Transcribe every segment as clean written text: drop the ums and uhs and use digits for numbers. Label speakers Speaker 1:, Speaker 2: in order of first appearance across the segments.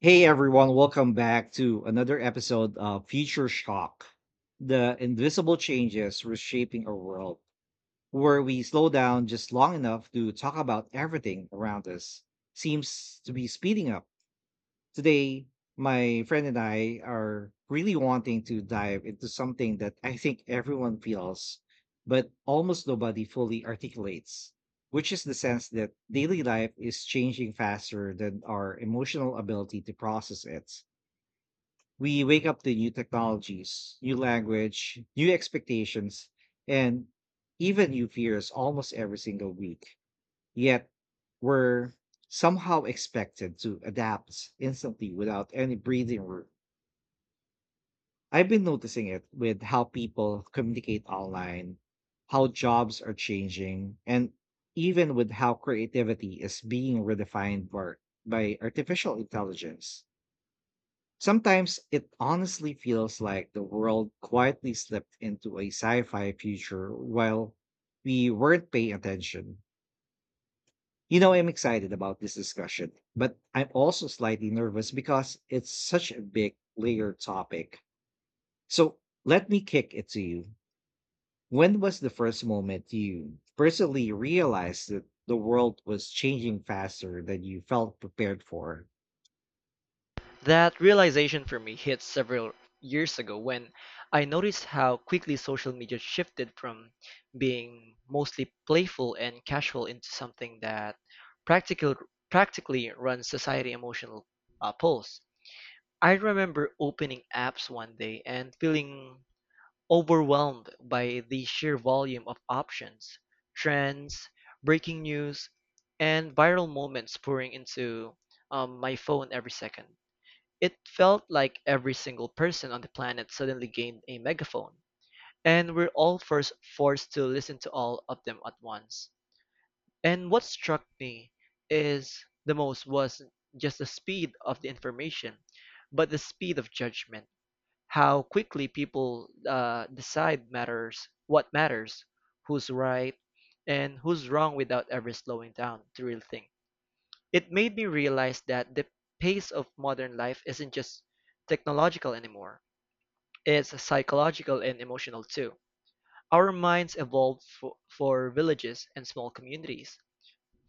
Speaker 1: Hey everyone, welcome back to another episode of Future Shock, the invisible changes reshaping our world, where we slow down just long enough to talk about everything around us. Seems to be speeding up. Today, my friend and I are really wanting to dive into something that I think everyone feels, but almost nobody fully articulates, which is the sense that daily life is changing faster than our emotional ability to process it. We wake up to new technologies, new language, new expectations, and even new fears almost every single week. Yet we're somehow expected to adapt instantly without any breathing room. I've been noticing it with how people communicate online, how jobs are changing, and even with how creativity is being redefined by artificial intelligence. Sometimes it honestly feels like the world quietly slipped into a sci fi future while we weren't paying attention. You know, I'm excited about this discussion, but I'm also slightly nervous because it's such a big, layered topic. So let me kick it to you. When was the first moment you personally realized that the world was changing faster than you felt prepared for?
Speaker 2: That realization for me hit several years ago when I noticed how quickly social media shifted from being mostly playful and casual into something that practical, practically runs society emotional pulse. I remember opening apps one day and feeling overwhelmed by the sheer volume of options, trends, breaking news, and viral moments pouring into my phone every second. It felt like every single person on the planet suddenly gained a megaphone, and we're all first forced to listen to all of them at once. And what struck me is the most was just the speed of the information, but the speed of judgment. How quickly people decide matters, what matters, who's right, and who's wrong without ever slowing down to really think. It made me realize that the pace of modern life isn't just technological anymore. It's psychological and emotional too. Our minds evolved for villages and small communities,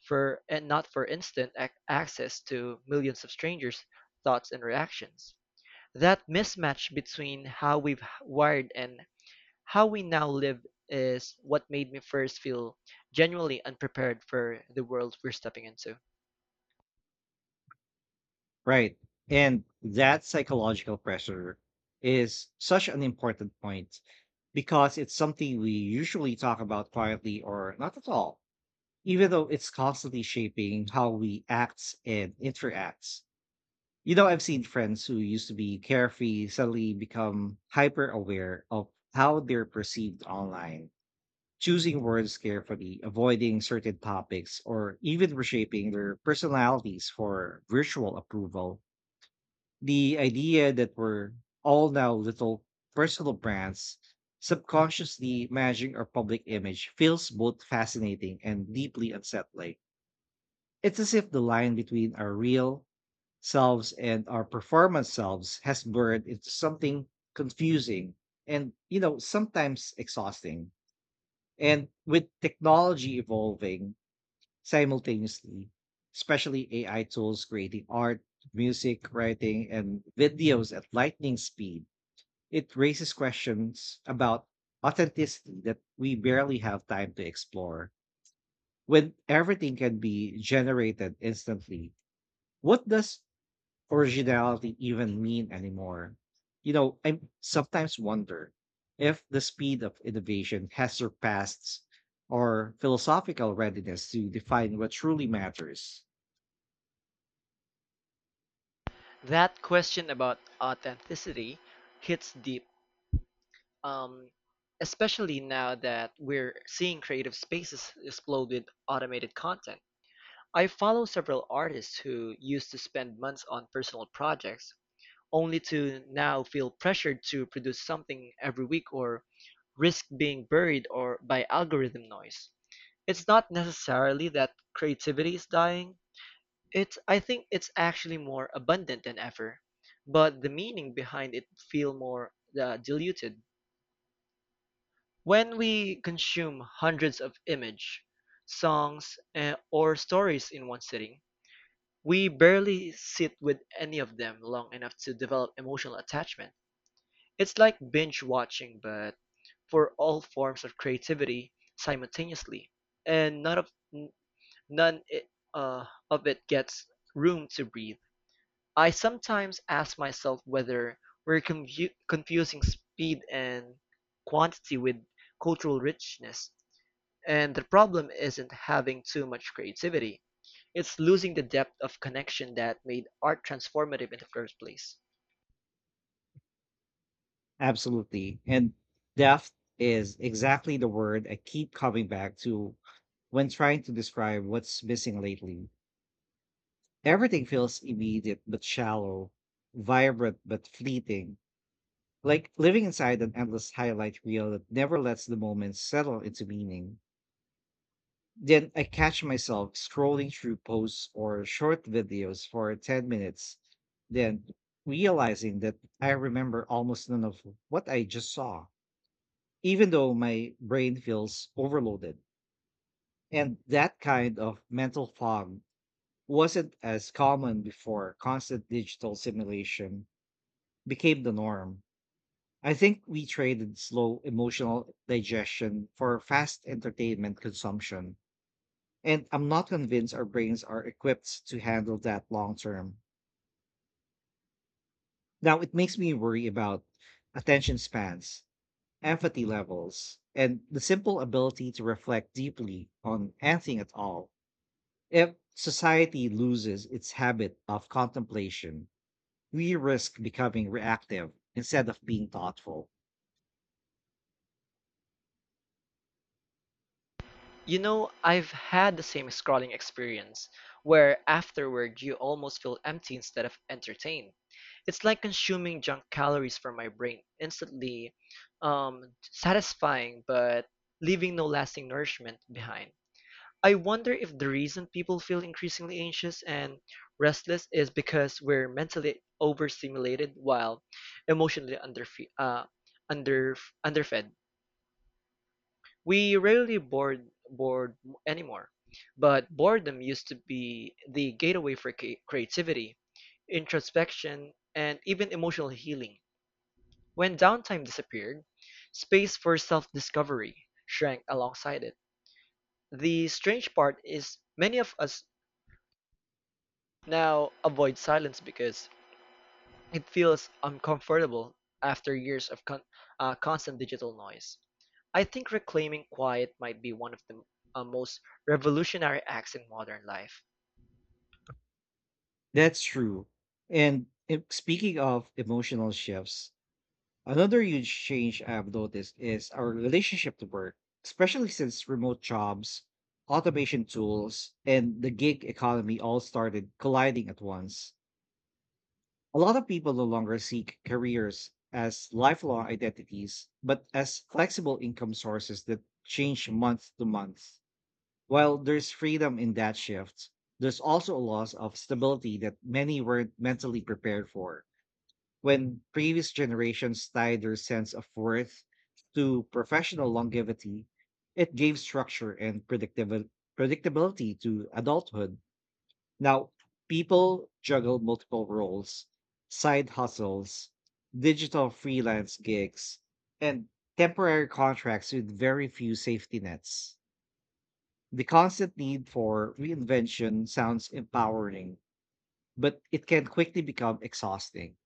Speaker 2: for and not for instant access to millions of strangers' thoughts and reactions. That mismatch between how we've wired and how we now live is what made me first feel genuinely unprepared for the world we're stepping into.
Speaker 1: Right. And that psychological pressure is such an important point because it's something we usually talk about quietly or not at all, even though it's constantly shaping how we act and interacts. You know, I've seen friends who used to be carefree suddenly become hyper aware of how they're perceived online, choosing words carefully, avoiding certain topics, or even reshaping their personalities for virtual approval. The idea that we're all now little personal brands subconsciously managing our public image feels both fascinating and deeply unsettling. It's as if the line between our real selves and our performance selves has blurred into something confusing and, you know, sometimes exhausting. And with technology evolving simultaneously, especially AI tools creating art, music, writing, and videos at lightning speed, it raises questions about authenticity that we barely have time to explore. When everything can be generated instantly, what does originality even mean anymore? You know, I sometimes wonder if the speed of innovation has surpassed our philosophical readiness to define what truly matters.
Speaker 2: That question about authenticity hits deep, um, especially now that we're seeing creative spaces explode with automated content. I follow several artists who used to spend months on personal projects only to now feel pressured to produce something every week or risk being buried or by algorithm noise. It's not necessarily that creativity is dying. It's I think it's actually more abundant than ever, but the meaning behind it feel more diluted. When we consume hundreds of image, songs, or stories in one sitting, we barely sit with any of them long enough to develop emotional attachment. It's like binge watching but for all forms of creativity simultaneously, and n- none of it gets room to breathe. I sometimes ask myself whether we're confusing speed and quantity with cultural richness, and the problem isn't having too much creativity. It's losing the depth of connection that made art transformative in the first place.
Speaker 1: Absolutely. And depth is exactly the word I keep coming back to when trying to describe what's missing lately. Everything feels immediate but shallow, vibrant but fleeting, like living inside an endless highlight reel that never lets the moment settle into meaning. Then I catch myself scrolling through posts or short videos for 10 minutes, then realizing that I remember almost none of what I just saw even though my brain feels overloaded. And that kind of mental fog wasn't as common before constant digital simulation became the norm. I think we traded slow emotional digestion for fast entertainment consumption. And I'm not convinced our brains are equipped to handle that long term. Now, it makes me worry about attention spans, empathy levels, and the simple ability to reflect deeply on anything at all. If society loses its habit of contemplation, we risk becoming reactive instead of being thoughtful.
Speaker 2: You know, I've had the same scrolling experience, where afterward you almost feel empty instead of entertained. It's like consuming junk calories for my brain, instantly satisfying but leaving no lasting nourishment behind. I wonder if the reason people feel increasingly anxious and restless is because we're mentally overstimulated while emotionally under underfed. We rarely board anymore, but boredom used to be the gateway for creativity, introspection, and even emotional healing. When downtime disappeared, space for self-discovery shrank alongside it. The strange part is many of us now avoid silence because it feels uncomfortable after years of constant digital noise. I think reclaiming quiet might be one of the most revolutionary acts in modern life.
Speaker 1: That's true. And, if, speaking of emotional shifts, another huge change I've noticed is our relationship to work, especially since remote jobs, automation tools, and the gig economy all started colliding at once. A lot of people no longer seek careers as lifelong identities, but as flexible income sources that change month to month. While there's freedom in that shift, there's also a loss of stability that many weren't mentally prepared for. When previous generations tied their sense of worth to professional longevity, it gave structure and predictability to adulthood. Now, people juggle multiple roles, side hustles, digital freelance gigs, and temporary contracts with very few safety nets. The constant need for reinvention sounds empowering, but it can quickly become exhausting.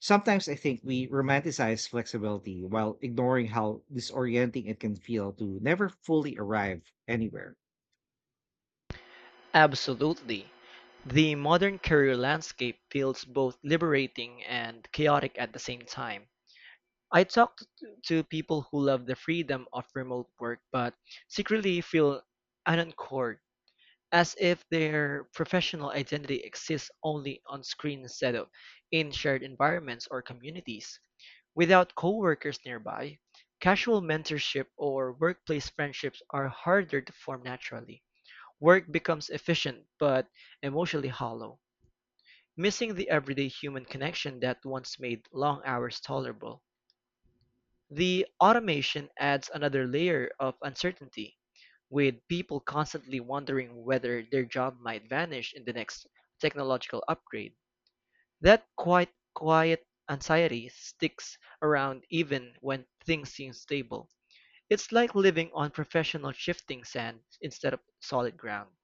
Speaker 1: Sometimes I think we romanticize flexibility while ignoring how disorienting it can feel to never fully arrive anywhere.
Speaker 2: Absolutely. The modern career landscape feels both liberating and chaotic at the same time. I talk to people who love the freedom of remote work but secretly feel unanchored, as if their professional identity exists only on-screen instead of in shared environments or communities. Without coworkers nearby, casual mentorship or workplace friendships are harder to form naturally. Work becomes efficient but emotionally hollow, missing the everyday human connection that once made long hours tolerable. The automation adds another layer of uncertainty, with people constantly wondering whether their job might vanish in the next technological upgrade. That quite quiet anxiety sticks around even when things seem stable. It's like living on professional shifting sand instead of solid ground.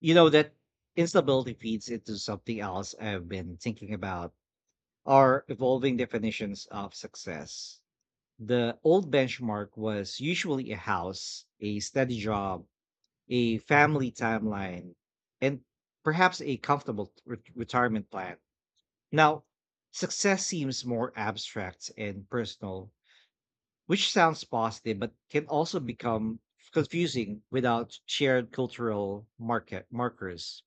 Speaker 1: You know, that instability feeds into something else I've been thinking about: are evolving definitions of success. The old benchmark was usually a house, a steady job, a family timeline, and perhaps a comfortable retirement plan. Now, success seems more abstract and personal, which sounds positive but can also become confusing without shared cultural market markers.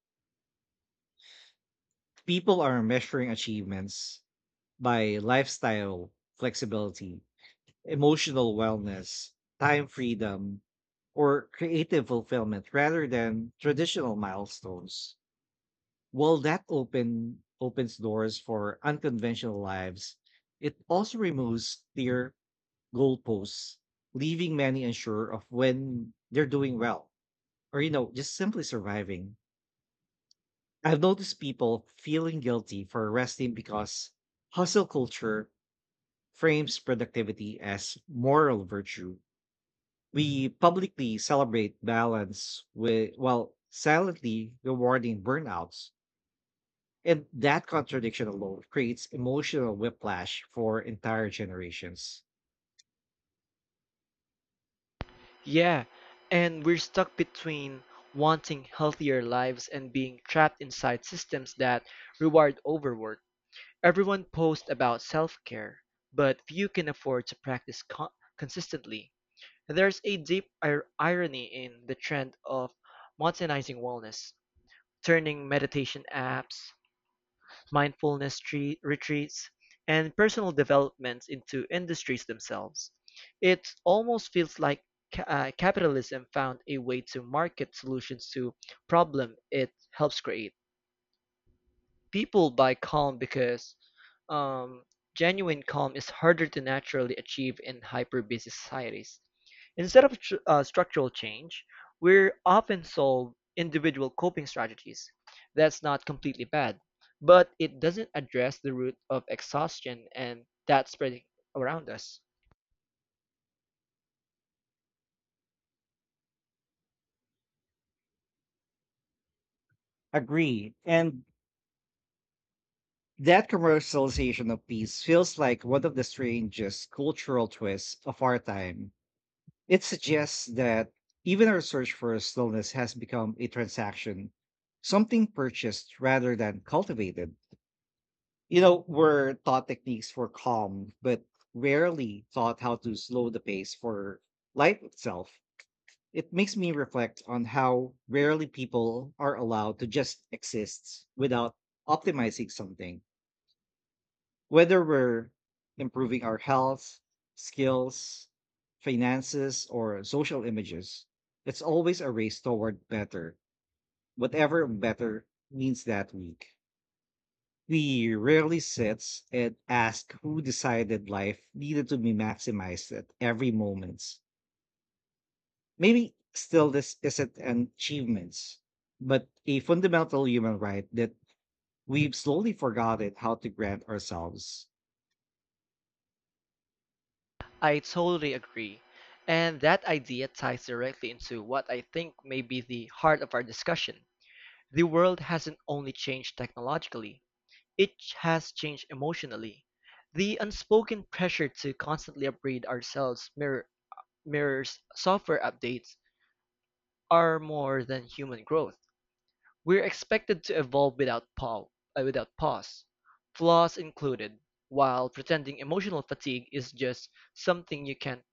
Speaker 1: People are measuring achievements by lifestyle flexibility, emotional wellness, time freedom, or creative fulfillment rather than traditional milestones. While that open opens doors for unconventional lives, it also removes clear goalposts, leaving many unsure of when they're doing well or, you know, just simply surviving. I've noticed people feeling guilty for resting because hustle culture frames productivity as moral virtue. We publicly celebrate balance with, while silently rewarding burnouts. And that contradiction alone creates emotional whiplash for entire generations.
Speaker 2: Yeah, and we're stuck between wanting healthier lives and being trapped inside systems that reward overwork. Everyone posts about self-care, but few can afford to practice consistently. There's a deep irony in the trend of modernizing wellness, turning meditation apps, mindfulness retreats, and personal developments into industries themselves. It almost feels like capitalism found a way to market solutions to problem it helps create. People buy calm because um, genuine calm is harder to naturally achieve in hyper-busy societies. Instead of structural change, we're often sold individual coping strategies. That's not completely bad, but it doesn't address the root of exhaustion and that spreading around us.
Speaker 1: Agree. And that commercialization of peace feels like one of the strangest cultural twists of our time. It suggests that even our search for stillness has become a transaction, something purchased rather than cultivated. You know, we're taught techniques for calm, but rarely taught how to slow the pace for life itself. It makes me reflect on how rarely people are allowed to just exist without optimizing something, whether we're improving our health, skills, finances, or social images. It's always a race toward better, whatever better means that week. We rarely sits and ask who decided life needed to be maximized at every moment. Maybe still this isn't an achievement, but a fundamental human right that we've slowly forgotten how to grant ourselves.
Speaker 2: I totally agree. And that idea ties directly into what I think may be the heart of our discussion. The world hasn't only changed technologically, it has changed emotionally; the unspoken pressure to constantly upgrade ourselves mirrors software updates are more than human growth. We're expected to evolve without without pause, flaws included, while pretending emotional fatigue is just something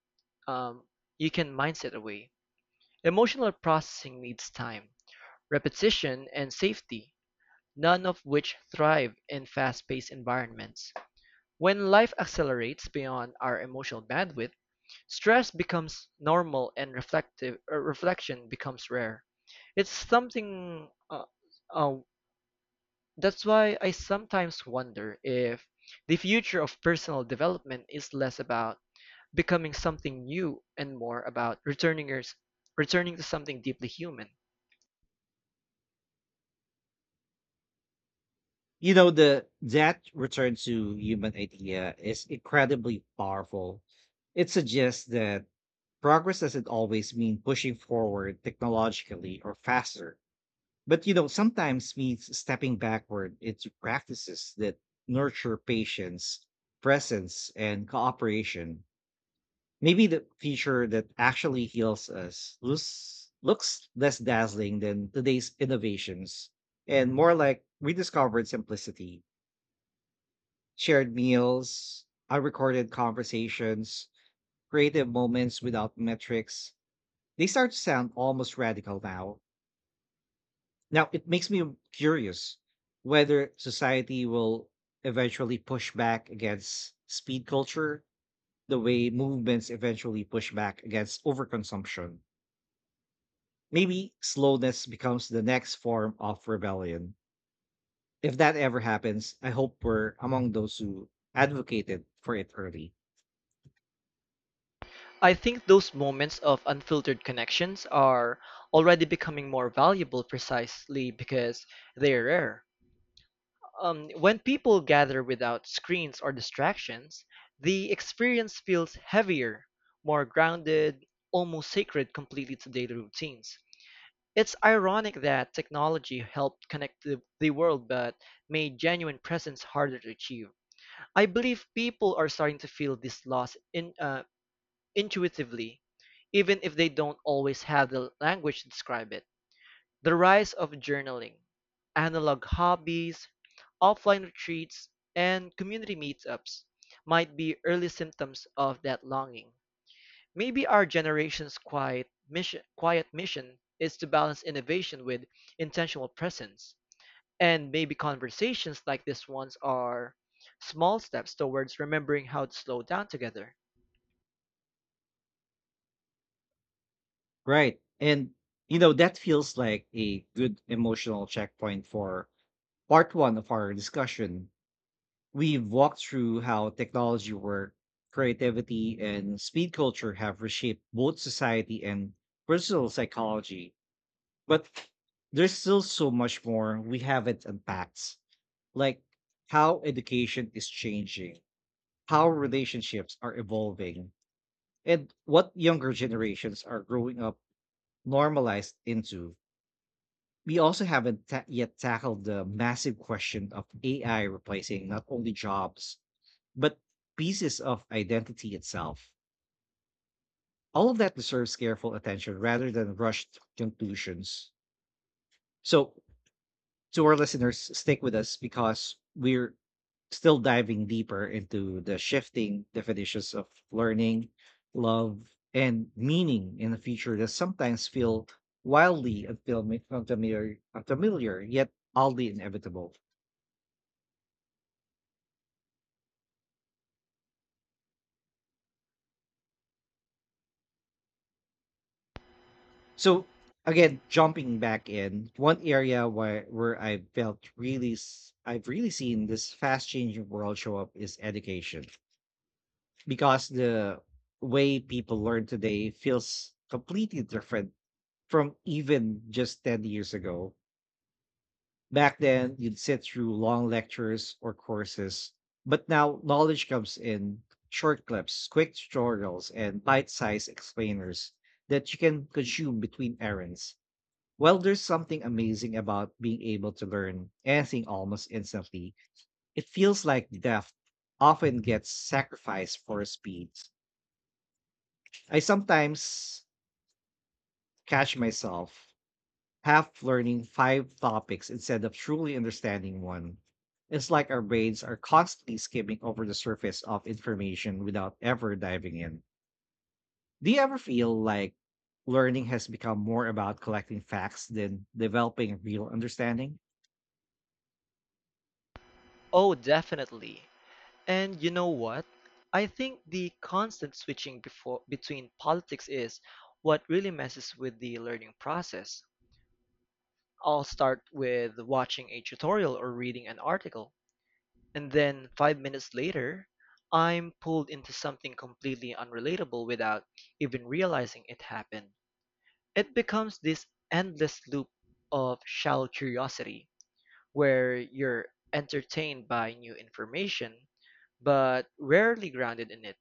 Speaker 2: um, you can mindset away. Emotional processing needs time, repetition, and safety, none of which thrive in fast-paced environments. When life accelerates beyond our emotional bandwidth, stress becomes normal and reflective reflection becomes rare. It's something uh, that's why I sometimes wonder if the future of personal development is less about becoming something new and more about returning to something deeply human.
Speaker 1: You know, the that return to human idea is incredibly powerful. It suggests that progress doesn't always mean pushing forward technologically or faster. But, you know, sometimes means stepping backward into practices that nurture patience, presence, and cooperation. Maybe the future that actually heals us looks less dazzling than today's innovations and more like rediscovered simplicity, shared meals, unrecorded conversations, creative moments without metrics. They start to sound almost radical now. Now, it makes me curious whether society will eventually push back against speed culture the way movements eventually push back against overconsumption. Maybe slowness becomes the next form of rebellion. If that ever happens, I hope we're among those who advocated for it early.
Speaker 2: I think those moments of unfiltered connections are already becoming more valuable precisely because they're rare. When people gather without screens or distractions, the experience feels heavier, more grounded, almost sacred completely to daily routines. It's ironic that technology helped connect the world but made genuine presence harder to achieve. I believe people are starting to feel this loss intuitively, even if they don't always have the language to describe it. The rise of journaling, analog hobbies, offline retreats, and community meetups might be early symptoms of that longing. Maybe our generation's quiet mission is to balance innovation with intentional presence. And maybe conversations like this ones are small steps towards remembering how to slow down together.
Speaker 1: Right. And, you know, that feels like a good emotional checkpoint for part one of our discussion. We've walked through how technology work, creativity, and speed culture have reshaped both society and personal psychology. But there's still so much more we haven't unpacked, like how education is changing, how relationships are evolving, and what younger generations are growing up normalized into. We also haven't ta- yet tackled the massive question of AI replacing not only jobs, but pieces of identity itself. All of that deserves careful attention rather than rushed conclusions. So, to our listeners, stick with us because we're still diving deeper into the shifting definitions of learning, love, and meaning in a future that sometimes feel wildly unfamiliar yet oddly inevitable. So again, jumping back in, one area where I felt I've really seen this fast changing world show up is education because the way people learn today feels completely different from even just 10 years ago. Back then, you'd sit through long lectures or courses, but now knowledge comes in short clips, quick tutorials, and bite-sized explainers that you can consume between errands. Well, there's something amazing about being able to learn anything almost instantly. It feels like depth often gets sacrificed for speed. I sometimes catch myself half learning five topics instead of truly understanding one. It's like our brains are constantly skimming over the surface of information without ever diving in. Do you ever feel like learning has become more about collecting facts than developing real understanding?
Speaker 2: Oh, definitely. And you know what? I think the constant switching before, between politics is what really messes with the learning process. I'll start with watching a tutorial or reading an article, and then 5 minutes later, I'm pulled into something completely unrelatable without even realizing it happened. It becomes this endless loop of shallow curiosity where you're entertained by new information but rarely grounded in it.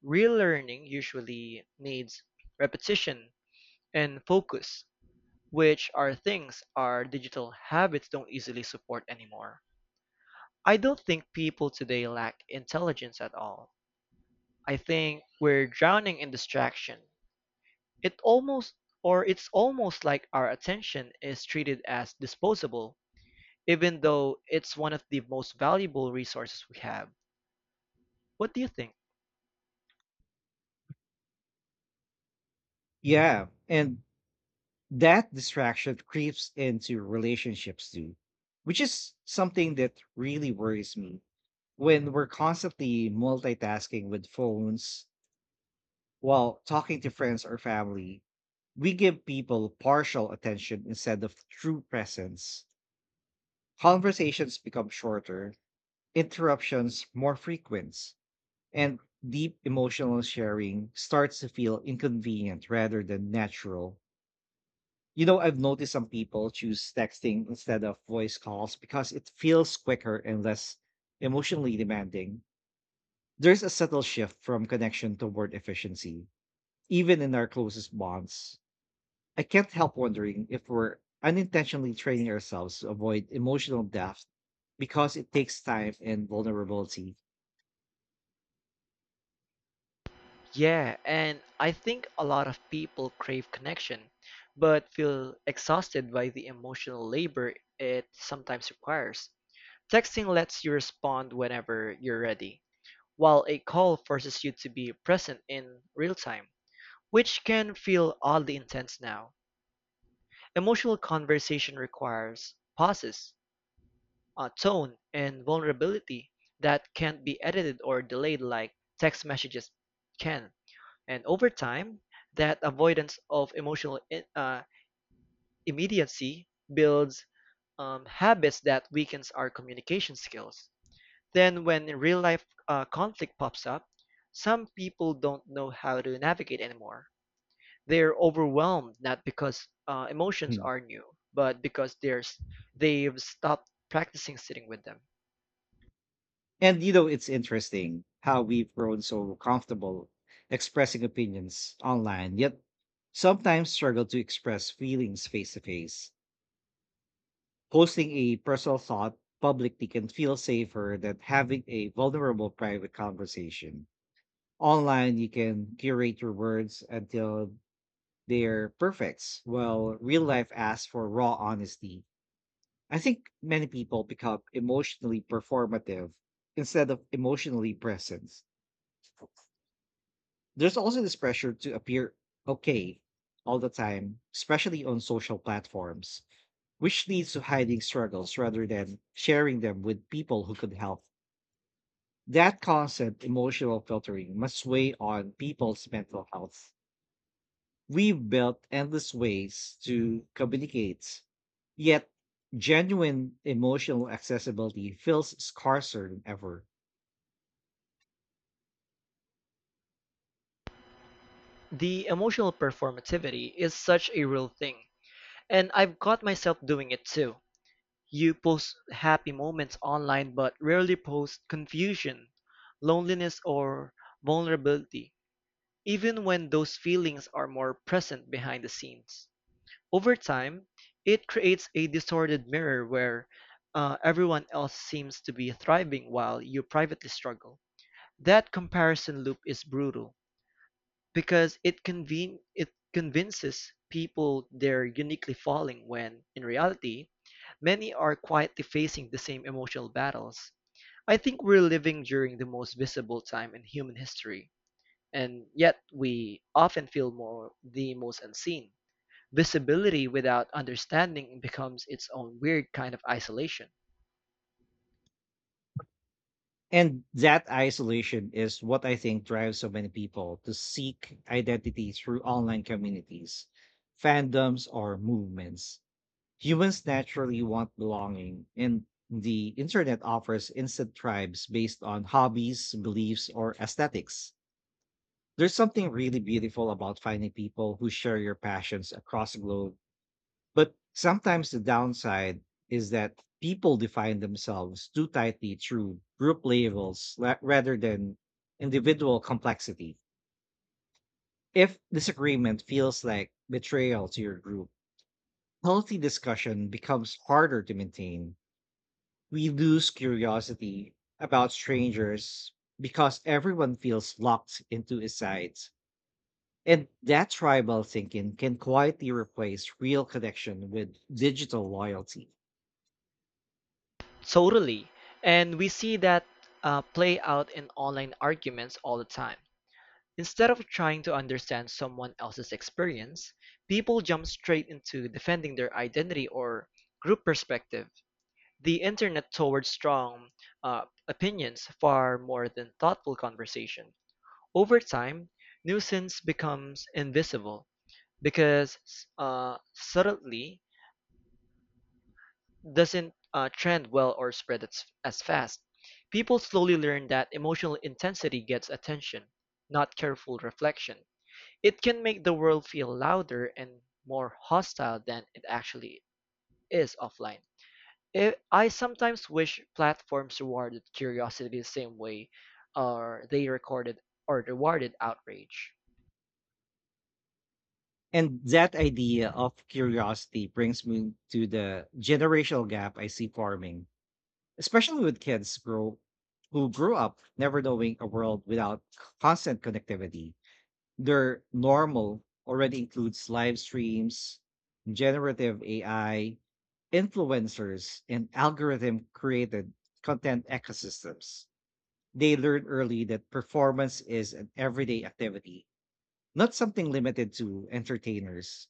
Speaker 2: Real learning usually needs repetition and focus, which are things our digital habits don't easily support anymore. I don't think people today lack intelligence at all. I think we're drowning in distraction. It almost it's almost like our attention is treated as disposable, even though it's one of the most valuable resources we have. What do you think?
Speaker 1: Yeah, and that distraction creeps into relationships too, which is something that really worries me. When we're constantly multitasking with phones while talking to friends or family, we give people partial attention instead of true presence. Conversations become shorter, interruptions more frequent, and deep emotional sharing starts to feel inconvenient rather than natural. You know, I've noticed some people choose texting instead of voice calls because it feels quicker and less emotionally demanding. There's a subtle shift from connection toward efficiency, even in our closest bonds. I can't help wondering if we're unintentionally training ourselves to avoid emotional depth because it takes time and vulnerability.
Speaker 2: Yeah, and I think a lot of people crave connection, but feel exhausted by the emotional labor it sometimes requires. Texting lets you respond whenever you're ready, while a call forces you to be present in real time, which can feel oddly intense now. Emotional conversation requires pauses, a tone, and vulnerability that can't be edited or delayed like text messages can. And over time, that avoidance of emotional uh, immediacy builds habits that weakens our communication skills. Then, when real life conflict pops up, some people don't know how to navigate anymore. They are overwhelmed not because emotions
Speaker 1: Hmm.
Speaker 2: are new, but because they've stopped practicing sitting with them.
Speaker 1: And, you know, it's interesting how we've grown so comfortable expressing opinions online, yet sometimes struggle to express feelings face to face. Posting a personal thought publicly can feel safer than having a vulnerable private conversation. Online, you can curate your words until they're perfect, while real life asks for raw honesty. I think many people become emotionally performative instead of emotionally present. There's also this pressure to appear okay all the time, especially on social platforms, which leads to hiding struggles rather than sharing them with people who could help. That constant emotional filtering must weigh on people's mental health. We've built endless ways to communicate, yet genuine emotional accessibility feels scarcer than ever.
Speaker 2: The emotional performativity is such a real thing, and I've caught myself doing it too. You post happy moments online but rarely post confusion, loneliness, or vulnerability, even when those feelings are more present behind the scenes. Over time, it creates a distorted mirror where everyone else seems to be thriving while you privately struggle. That comparison loop is brutal because it convinces people they're uniquely falling when, in reality, many are quietly facing the same emotional battles. I think we're living during the most visible time in human history, and yet we often feel more the most unseen. Visibility without understanding becomes its own weird kind of isolation.
Speaker 1: And that isolation is what I think drives so many people to seek identity through online communities, fandoms, or movements. Humans naturally want belonging, and the internet offers instant tribes based on hobbies, beliefs, or aesthetics. There's something really beautiful about finding people who share your passions across the globe, but sometimes the downside is that people define themselves too tightly through group rather than individual complexity. If disagreement feels like betrayal to your group, healthy discussion becomes harder to maintain. We lose curiosity about strangers because everyone feels locked into his sides. And that tribal thinking can quietly replace real connection with digital loyalty.
Speaker 2: Totally. And we see that play out in online arguments all the time. Instead of trying to understand someone else's experience, people jump straight into defending their identity or group perspective. The internet towards strong opinions far more than thoughtful conversation. Over time, nuisance becomes invisible because subtly doesn't trend well or spread as fast. People slowly learn that emotional intensity gets attention, not careful reflection. It can make the world feel louder and more hostile than it actually is offline. I sometimes wish platforms rewarded curiosity the same way or they recorded or rewarded outrage.
Speaker 1: And that idea of curiosity brings me to the generational gap I see forming, especially with kids grow who grew up never knowing a world without constant connectivity. Their normal already includes live streams, generative AI, influencers, and algorithm created content ecosystems. They learn early that performance is an everyday activity, not something limited to entertainers.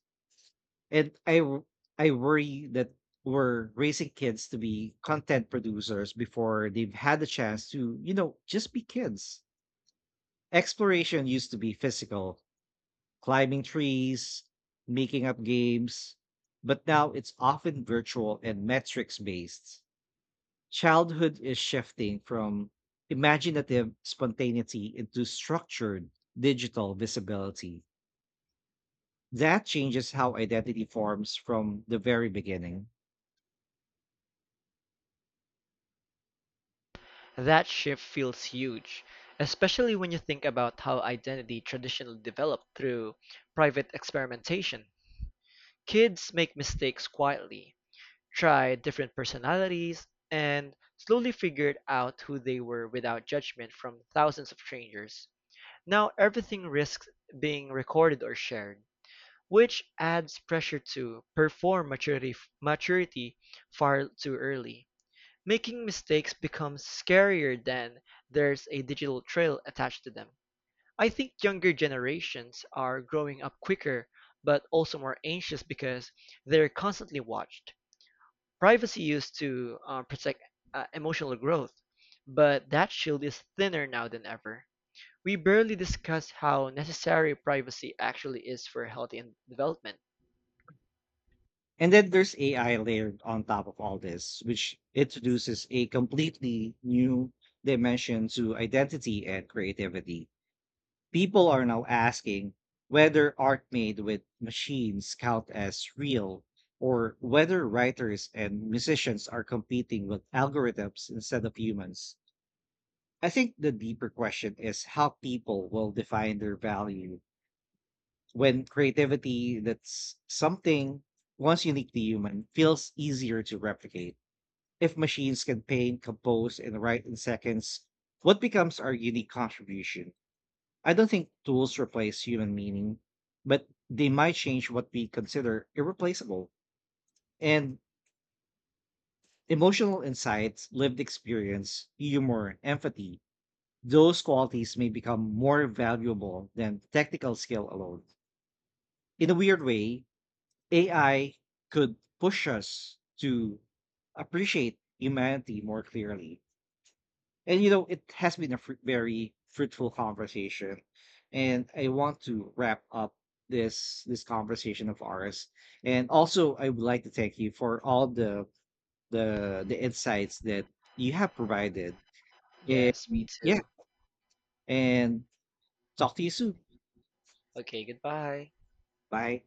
Speaker 1: And I worry that we're raising kids to be content producers before they've had the chance to, you know, just be kids. Exploration used to be physical, climbing trees, making up games, but now it's often virtual and metrics based. Childhood is shifting from imaginative spontaneity into structured digital visibility. That changes how identity forms from the very beginning.
Speaker 2: That shift feels huge, especially when you think about how identity traditionally developed through private experimentation. Kids make mistakes quietly, tried different personalities, and slowly figured out who they were without judgment from thousands of strangers. Now everything risks being recorded or shared, which adds pressure to perform maturity far too early. Making mistakes becomes scarier than there's a digital trail attached to them. I think younger generations are growing up quicker, but also more anxious because they're constantly watched. Privacy used to protect emotional growth, but that shield is thinner now than ever. We barely discuss how necessary privacy actually is for healthy and development.
Speaker 1: And then there's AI layered on top of all this, which introduces a completely new dimension to identity and creativity. People are now asking whether art made with machines count as real, or whether writers and musicians are competing with algorithms instead of humans. I think the deeper question is how people will define their value when creativity, that's something once uniquely human, feels easier to replicate. If machines can paint, compose, and write in seconds, what becomes our unique contribution? I don't think tools replace human meaning, but they might change what we consider irreplaceable. And emotional insights, lived experience, humor, empathy, those qualities may become more valuable than technical skill alone. In a weird way, AI could push us to appreciate humanity more clearly. And, you know, it has been a very fruitful conversation, and I want to wrap up this conversation of ours. And also, I would like to thank you for all the the insights that you have provided. And
Speaker 2: Yes, me
Speaker 1: yeah,
Speaker 2: too.
Speaker 1: and talk to you soon.
Speaker 2: Okay, goodbye.
Speaker 1: Bye.